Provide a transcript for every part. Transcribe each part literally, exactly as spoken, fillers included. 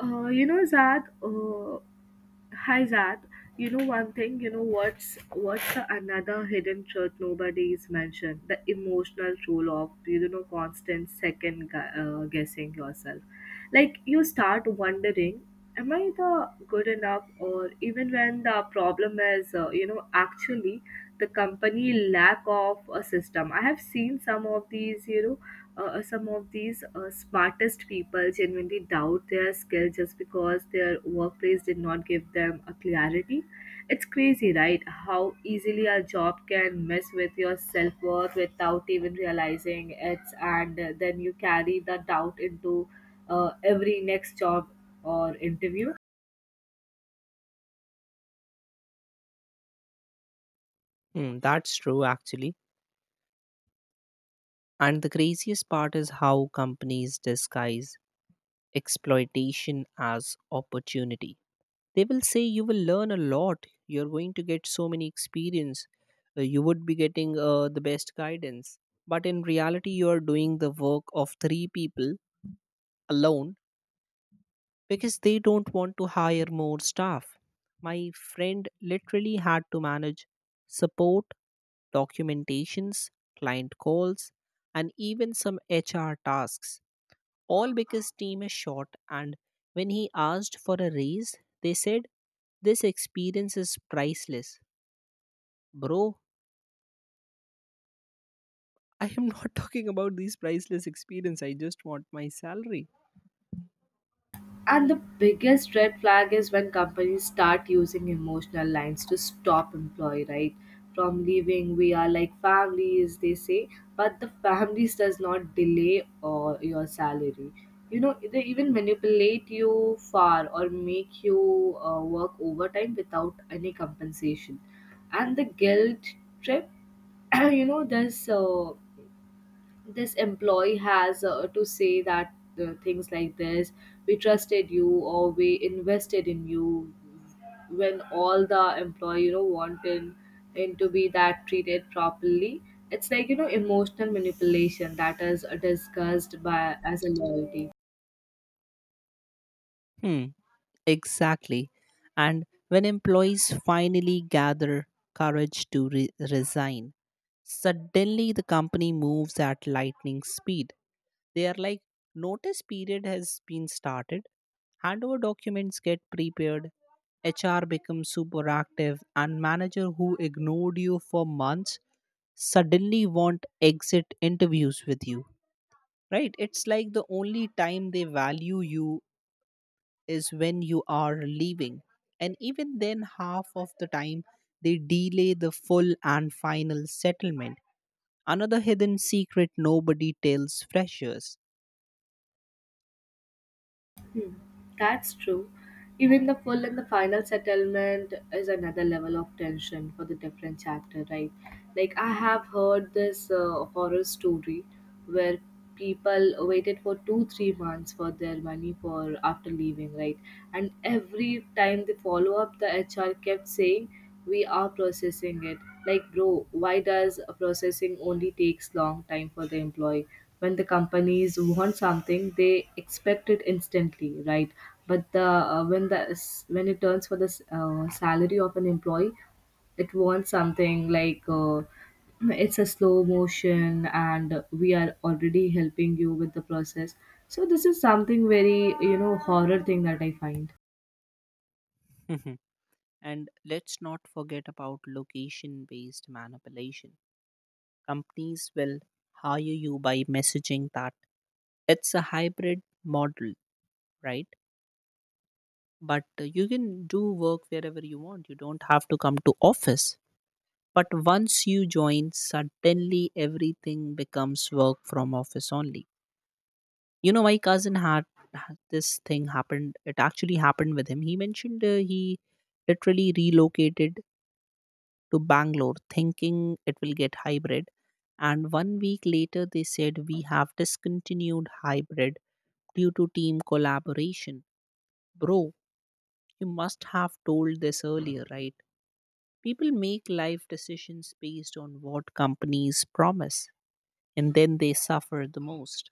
Uh, you know, Zad, uh, hi Zad. You know one thing, you know what's what's the another hidden truth nobody is mentioned? The emotional toll of you know constant second gu- uh, guessing yourself. Like you start wondering, am I the good enough? Or even when the problem is, uh, you know, actually the company lack of a system. I have seen some of these, you know uh, uh, some of these uh, smartest people genuinely doubt their skill just because their workplace did not give them a clarity. It's crazy, right? How easily a job can mess with your self worth without even realizing it, and uh, then you carry the doubt into uh, every next job or interview. Mm, that's true, actually. And the craziest part is how companies disguise exploitation as opportunity. They will say you will learn a lot, you're going to get so many experience, uh, you would be getting uh, the best guidance. But in reality, you are doing the work of three people alone because they don't want to hire more staff. My friend literally had to manage support documentations, client calls, and even some H R tasks, all because team is short. And when he asked for a raise, they said, this experience is priceless. Bro, I am not talking about these priceless experience. I just want my salary. And the biggest red flag is when companies start using emotional lines to stop employee, right? From leaving, we are like families, they say, but the families does not delay or your salary. You know, they even manipulate you far or make you uh, work overtime without any compensation. And the guilt trip, you know, there's uh, this employee has uh, to say that uh, things like this we trusted you or we invested in you when all the employee you know want in, in to be that treated properly. It's like you know emotional manipulation that is discussed by as a loyalty. Hmm, exactly. And when employees finally gather courage to re- resign, suddenly the company moves at lightning speed. They are like, notice period has been started, handover documents get prepared, H R becomes super active, and manager who ignored you for months suddenly want exit interviews with you. Right? It's like the only time they value you is when you are leaving. And even then, half of the time, they delay the full and final settlement. Another hidden secret nobody tells freshers. That's true. Even the full and the final settlement is another level of tension for the different chapter, right? Like I have heard this uh, horror story where people waited for two three months for their money for after leaving, right? And every time they follow up, the H R kept saying, "We are processing it." Like, bro, why does processing only takes long time for the employee? When the companies want something they expect it instantly, right? But the uh, when the s- when it turns for the s- uh, salary of an employee it wants something like uh, it's a slow motion and we are already helping you with the process, so this is something very you know horror thing that I find. And let's not forget about location based manipulation. Companies will hire you by messaging that it's a hybrid model, right? But uh, you can do work wherever you want. You don't have to come to office. But once you join, suddenly everything becomes work from office only. You know, my cousin had had this thing happened. It actually happened with him. He mentioned uh, he literally relocated to Bangalore thinking it will get hybrid. And one week later, they said, we have discontinued hybrid due to team collaboration. Bro, you must have told this earlier, right? People make life decisions based on what companies promise, and then they suffer the most.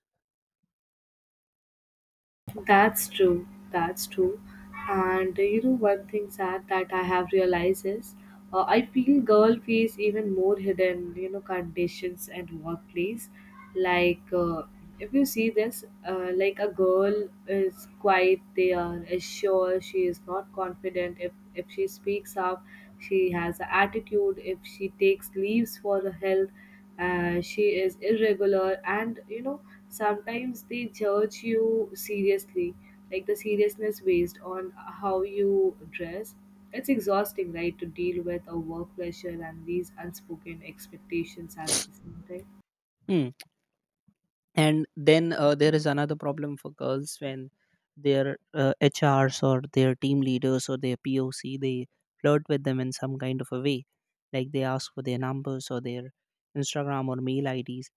That's true. That's true. And uh, you know, one thing sad that I have realized is uh, I feel girl face even more hidden, you know, conditions and workplace. Like, uh, if you see this, uh, like a girl is quiet, they are sure she is not confident. If, if she speaks up, she has an attitude. If she takes leaves for her health, uh, she is irregular, and you know sometimes they judge you seriously, like the seriousness based on how you dress. It's exhausting, right, to deal with a work pressure and these unspoken expectations at the same time. Hmm. And then uh, there is another problem for girls when their uh, H Rs or their team leaders or their P O C, they flirt with them in some kind of a way, like they ask for their numbers or their Instagram or mail I Ds,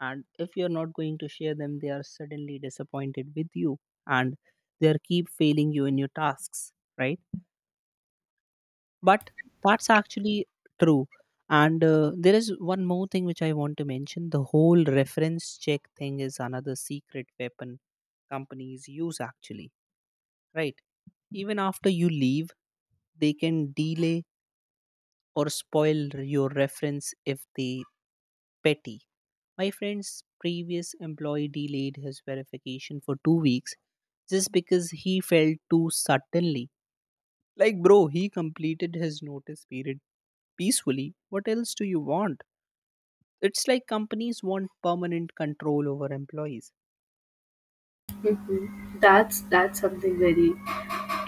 and if you're not going to share them, they are suddenly disappointed with you, and they are keep failing you in your tasks, right? But that's actually true. And uh, there is one more thing which I want to mention. The whole reference check thing is another secret weapon companies use, actually, right? Even after you leave, they can delay or spoil your reference if they petty. My friend's previous employee delayed his verification for two weeks just because he felt too suddenly. Like, bro, he completed his notice period peacefully. What else do you want? It's like companies want permanent control over employees. Mhm. that's that's something very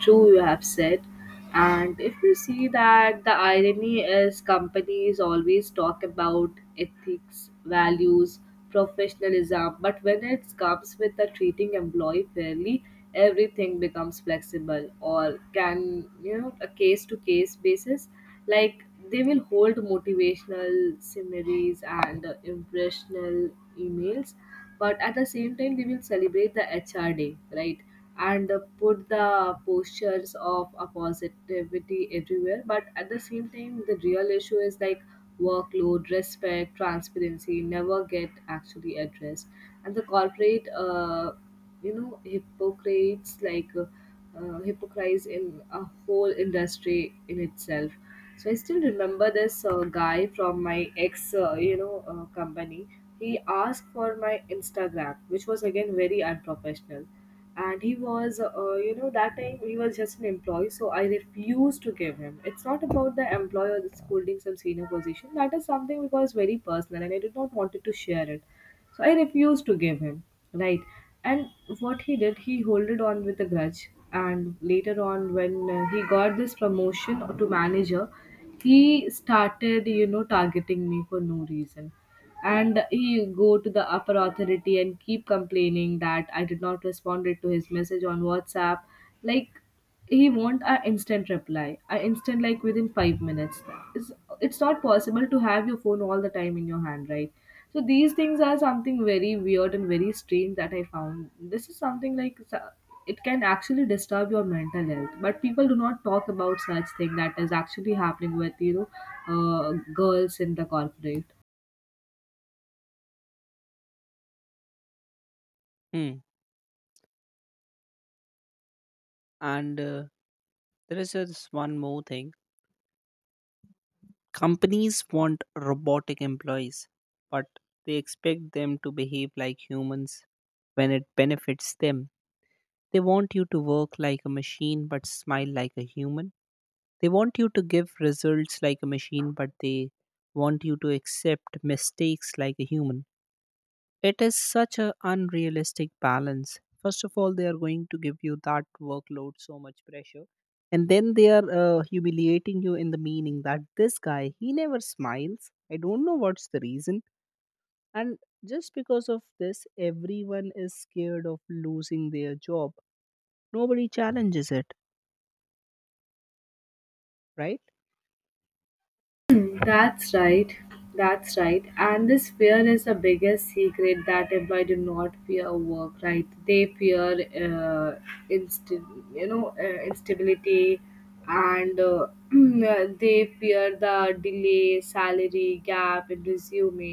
true, you have said. And if you see that the irony is companies always talk about ethics, values, professionalism, but when it comes with the treating employee fairly, everything becomes flexible or can you know a case to case basis. Like they will hold motivational summaries and uh, impressional emails, but at the same time we will celebrate the H R day, right? And uh, put the postures of a positivity everywhere, but at the same time the real issue is like workload respect transparency never get actually addressed. And the corporate uh, you know hypocrites, like uh, uh, hypocrites in a whole industry in itself. So I still remember this uh, guy from my ex uh, you know uh, company. He asked for my Instagram, which was again very unprofessional. And he was uh, you know, that time he was just an employee, so I refused to give him. It's not about the employer that's holding some senior position, that is something which was very personal and I did not wanted to share it. So I refused to give him, right? And what he did, he holded on with a grudge. And later on when uh, he got this promotion to manager, he started you know targeting me for no reason. And he go to the upper authority and keep complaining that I did not responded to his message on WhatsApp. Like, he want an instant reply, an instant like within five minutes. it's, it's not possible to have your phone all the time in your hand, right? So these things are something very weird and very strange that I found. This is something like s- it can actually disturb your mental health, but people do not talk about such thing that is actually happening with you know uh, girls in the corporate. Hmm. And uh, there is just one more thing. Companies want robotic employees, but they expect them to behave like humans when it benefits them. They want you to work like a machine but smile like a human. They want you to give results like a machine, but they want you to accept mistakes like a human. It is such an unrealistic balance. First of all, they are going to give you that workload, so much pressure. And then they are uh, humiliating you in the meaning that this guy, he never smiles. I don't know what's the reason. And just because of this, everyone is scared of losing their job. Nobody challenges it, right? Hmm, that's right, that's right. And this fear is the biggest secret that employees do not fear work, right? They fear, uh, insti- you know, uh, instability, and uh, they fear the delay, salary gap in resume,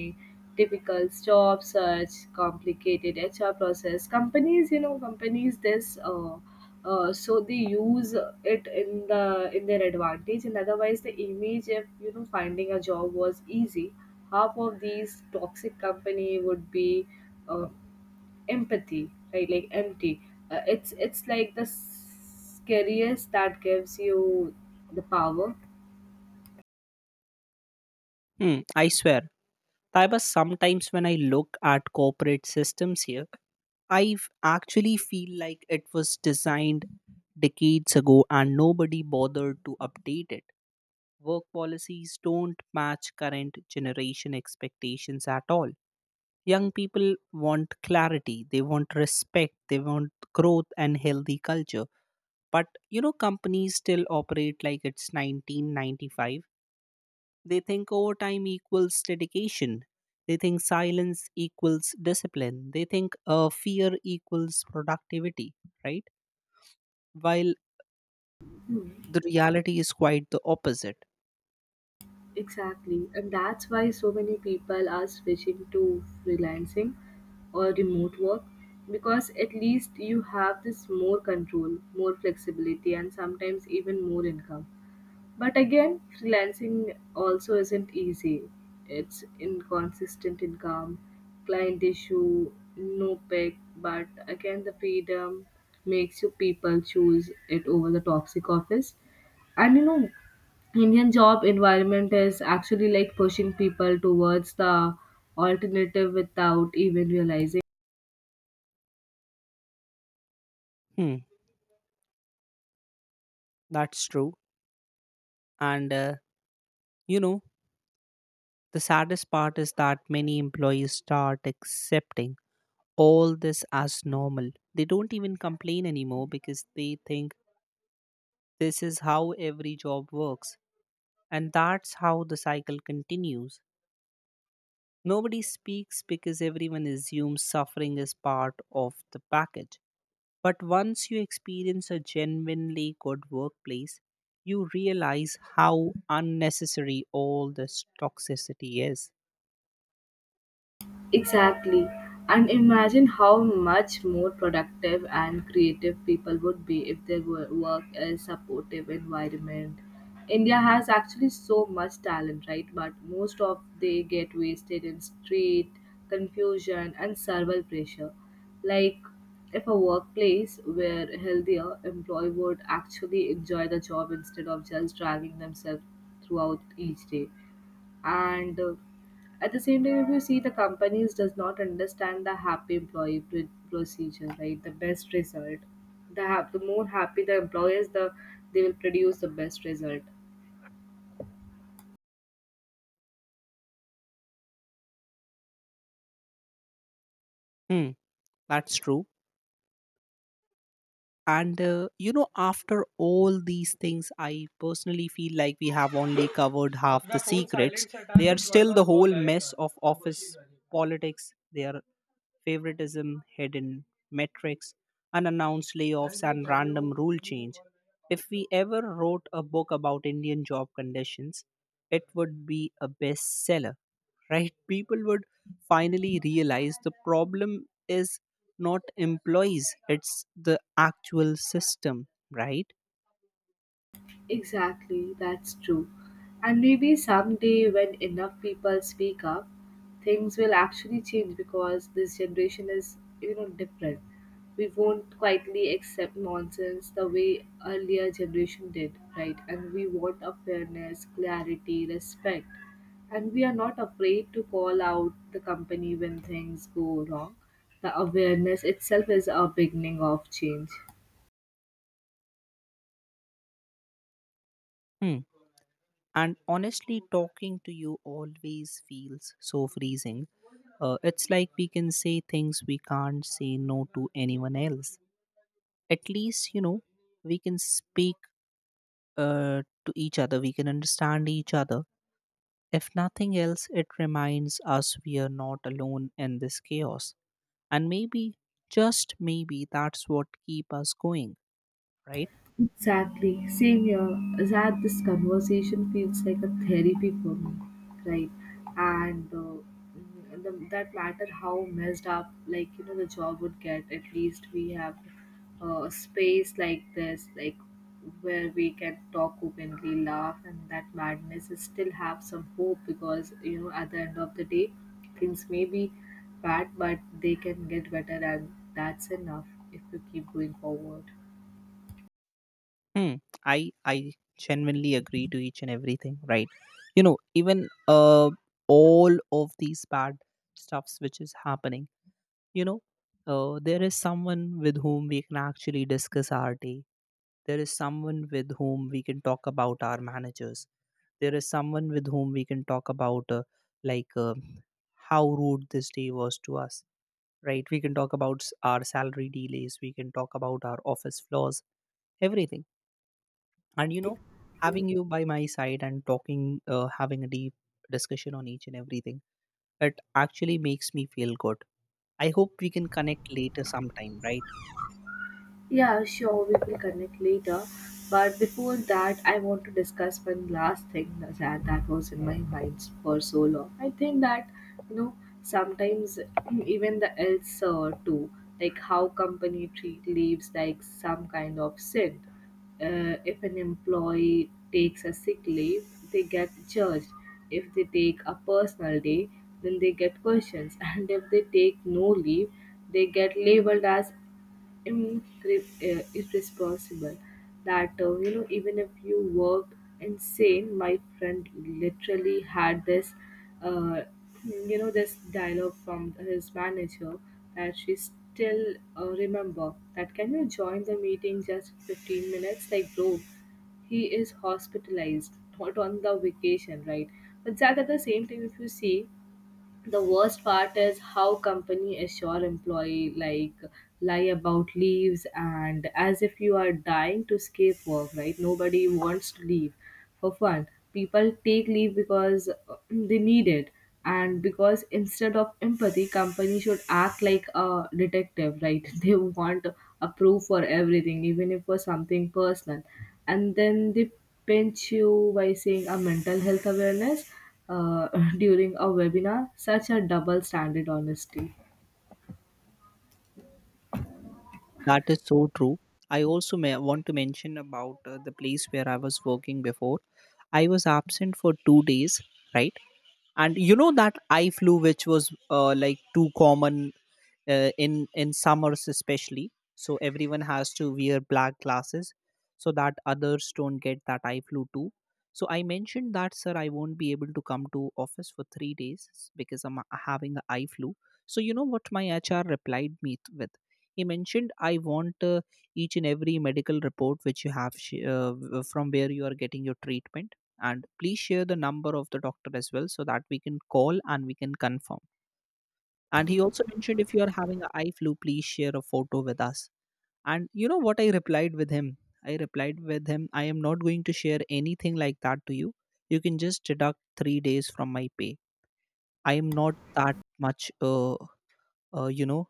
difficult job search, complicated H R process. Companies, you know, companies this. Uh, uh, so they use it in the in their advantage, and otherwise the image, if you know finding a job was easy, half of these toxic company would be uh, empathy, right? Like empty. Uh, it's it's like the scariest that gives you the power. Hmm, I swear. Taiba, sometimes when I look at corporate systems here, I actually feel like it was designed decades ago and nobody bothered to update it. Work policies don't match current generation expectations at all. Young people want clarity, they want respect, they want growth and healthy culture. But you know, companies still operate like it's nineteen ninety-five. They think overtime equals dedication. They think silence equals discipline. They think uh, fear equals productivity, right? While the reality is quite the opposite. Exactly, and that's why so many people are switching to freelancing or remote work, because at least you have this more control, more flexibility, and sometimes even more income. But again, freelancing also isn't easy. It's inconsistent income, client issue, no pick, but again, the freedom makes you people choose it over the toxic office. And you know, Indian job environment is actually like pushing people towards the alternative without even realizing. Hmm, that's true. And, uh, you know, the saddest part is that many employees start accepting all this as normal. They don't even complain anymore because they think this is how every job works. And that's how the cycle continues. Nobody speaks because everyone assumes suffering is part of the package. But once you experience a genuinely good workplace, you realize how unnecessary all this toxicity is. Exactly. And imagine how much more productive and creative people would be if they wo- work in a supportive environment. India has actually so much talent, right? But most of they get wasted in street confusion and survival pressure. Like if a workplace were healthier, employee would actually enjoy the job instead of just dragging themselves throughout each day. And uh, at the same time if you see, the companies does not understand the happy employee pr- procedure, right? The best result, the, hap- the more happy the employees, the they will produce the best result. Hmm, that's true. And uh, you know, after all these things, I personally feel like we have only covered half the secrets. They are still the whole mess of office politics. They are favoritism, hidden metrics, unannounced layoffs, and random rule change. If we ever wrote a book about Indian job conditions, it would be a bestseller, right? People would finally realize the problem is not employees, it's the actual system, right? Exactly, that's true. And maybe someday, when enough people speak up, things will actually change, because this generation is, you know, different. We won't quietly accept nonsense the way earlier generation did, right? And we want a fairness, clarity, respect. And we are not afraid to call out the company when things go wrong. The awareness itself is a beginning of change. Hmm. And honestly, talking to you always feels so freezing. Uh, it's like we can say things we can't say no to anyone else. At least, you know, we can speak, uh, to each other, we can understand each other. If nothing else, it reminds us we are not alone in this chaos. And maybe, just maybe, that's what keep us going, right? Exactly. Same here. That this conversation feels like a therapy for me, right? And uh, mm, the, that matter how messed up, like you know, the job would get. At least we have uh, a space like this, like where we can talk openly, laugh, and that madness is still have some hope, because you know, at the end of the day, things may be bad, but they can get better, and that's enough if you keep going forward. Hmm. i i genuinely agree to each and everything, right? You know, even uh, all of these bad stuffs which is happening, you know, uh, there is someone with whom we can actually discuss our day. There is someone with whom we can talk about our managers. There is someone with whom we can talk about, uh, like, uh, how rude this day was to us, right? We can talk about s- our salary delays. We can talk about our office flaws, everything. And, you know, having you by my side and talking, uh, having a deep discussion on each and everything, it actually makes me feel good. I hope we can connect later sometime, right? Yeah, sure, we will connect later. But before that, I want to discuss one last thing that, that was in my mind for so long. I think that, you know, sometimes even the else uh, too, like how company treat leaves like some kind of sin. Uh, if an employee takes a sick leave, they get judged. If they take a personal day, then they get questions. And if they take no leave, they get labeled as incre- uh, irresponsible. That uh, you know, even if you worked insane, my friend literally had this uh, you know this dialogue from his manager that she still uh, remember, that can you join the meeting just fifteen minutes? Like bro, he is hospitalized, not on the vacation, right? But that at the same time if you see, the worst part is how company assure employee like lie about leaves, and as if you are dying to escape work, right? Nobody wants to leave for fun. People take leave because uh, they need it. And because instead of empathy, company should act like a detective, right? They want a proof for everything, even if for something personal. And then they pinch you by saying a mental health awareness uh, during a webinar. Such a double standard honesty. That is so true. I also may want to mention about uh, the place where I was working before. I was absent for two days, right? And you know that I flu, which was uh, like too common uh, in in summers, especially, so everyone has to wear black glasses so that others don't get that eye flu too. So I mentioned that sir, I won't be able to come to office for three days because I'm uh, having an eye flu. So you know what my H R replied me th- with? He mentioned, I want uh, each and every medical report which you have sh- uh, w- uh, from where you are getting your treatment, and please share the number of the doctor as well so that we can call and we can confirm. And he also mentioned, if you are having a eye flu, please share a photo with us. And you know what I replied with him? I replied with him, I am not going to share anything like that to you. You can just deduct three days from my pay. I am not that much, uh, uh, you know,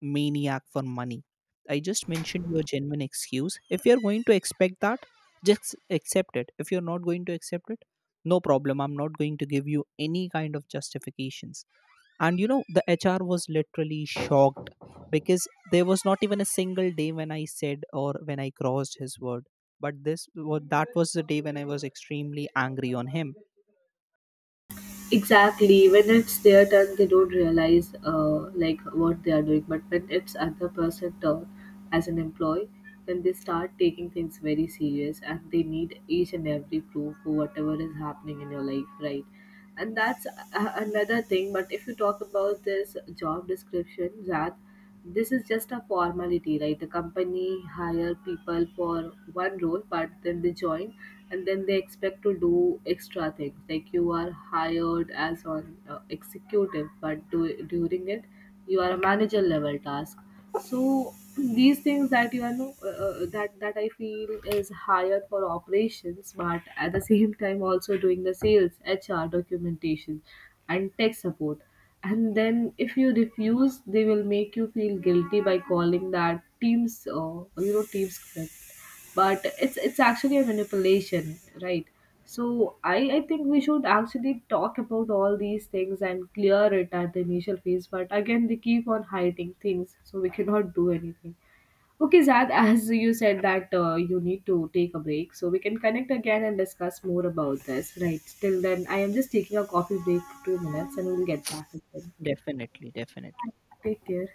maniac for money. I just mentioned your genuine excuse. If you're going to expect that, just accept it. If you're not going to accept it, no problem. I'm not going to give you any kind of justifications. And you know, the H R was literally shocked because there was not even a single day when I said or when I crossed his word, but this wa- that was the day when I was extremely angry on him. Exactly. When it's their turn, they don't realize uh, like what they are doing. But when it's other person turn as an employee, then they start taking things very serious and they need each and every proof for whatever is happening in your life, right? And that's a- another thing, but if you talk about this job description, that this is just a formality, right? The company hire people for one role, but then they join and then they expect to do extra things. Like you are hired as an uh, executive, but do, during it you are a manager level task. So these things that you are know uh, uh, that that I feel is hired for operations, but at the same time also doing the sales H R documentation and tech support. And then if you refuse, they will make you feel guilty by calling that teams uh, you know teams script. But it's it's actually a manipulation, right? So i i think we should actually talk about all these things and clear it at the initial phase, but again they keep on hiding things, so we cannot do anything. Okay Zad, as you said that uh, you need to take a break, so we can connect again and discuss more about this, right? Till then I am just taking a coffee break for two minutes and we'll get back again, okay? Definitely definitely Take care.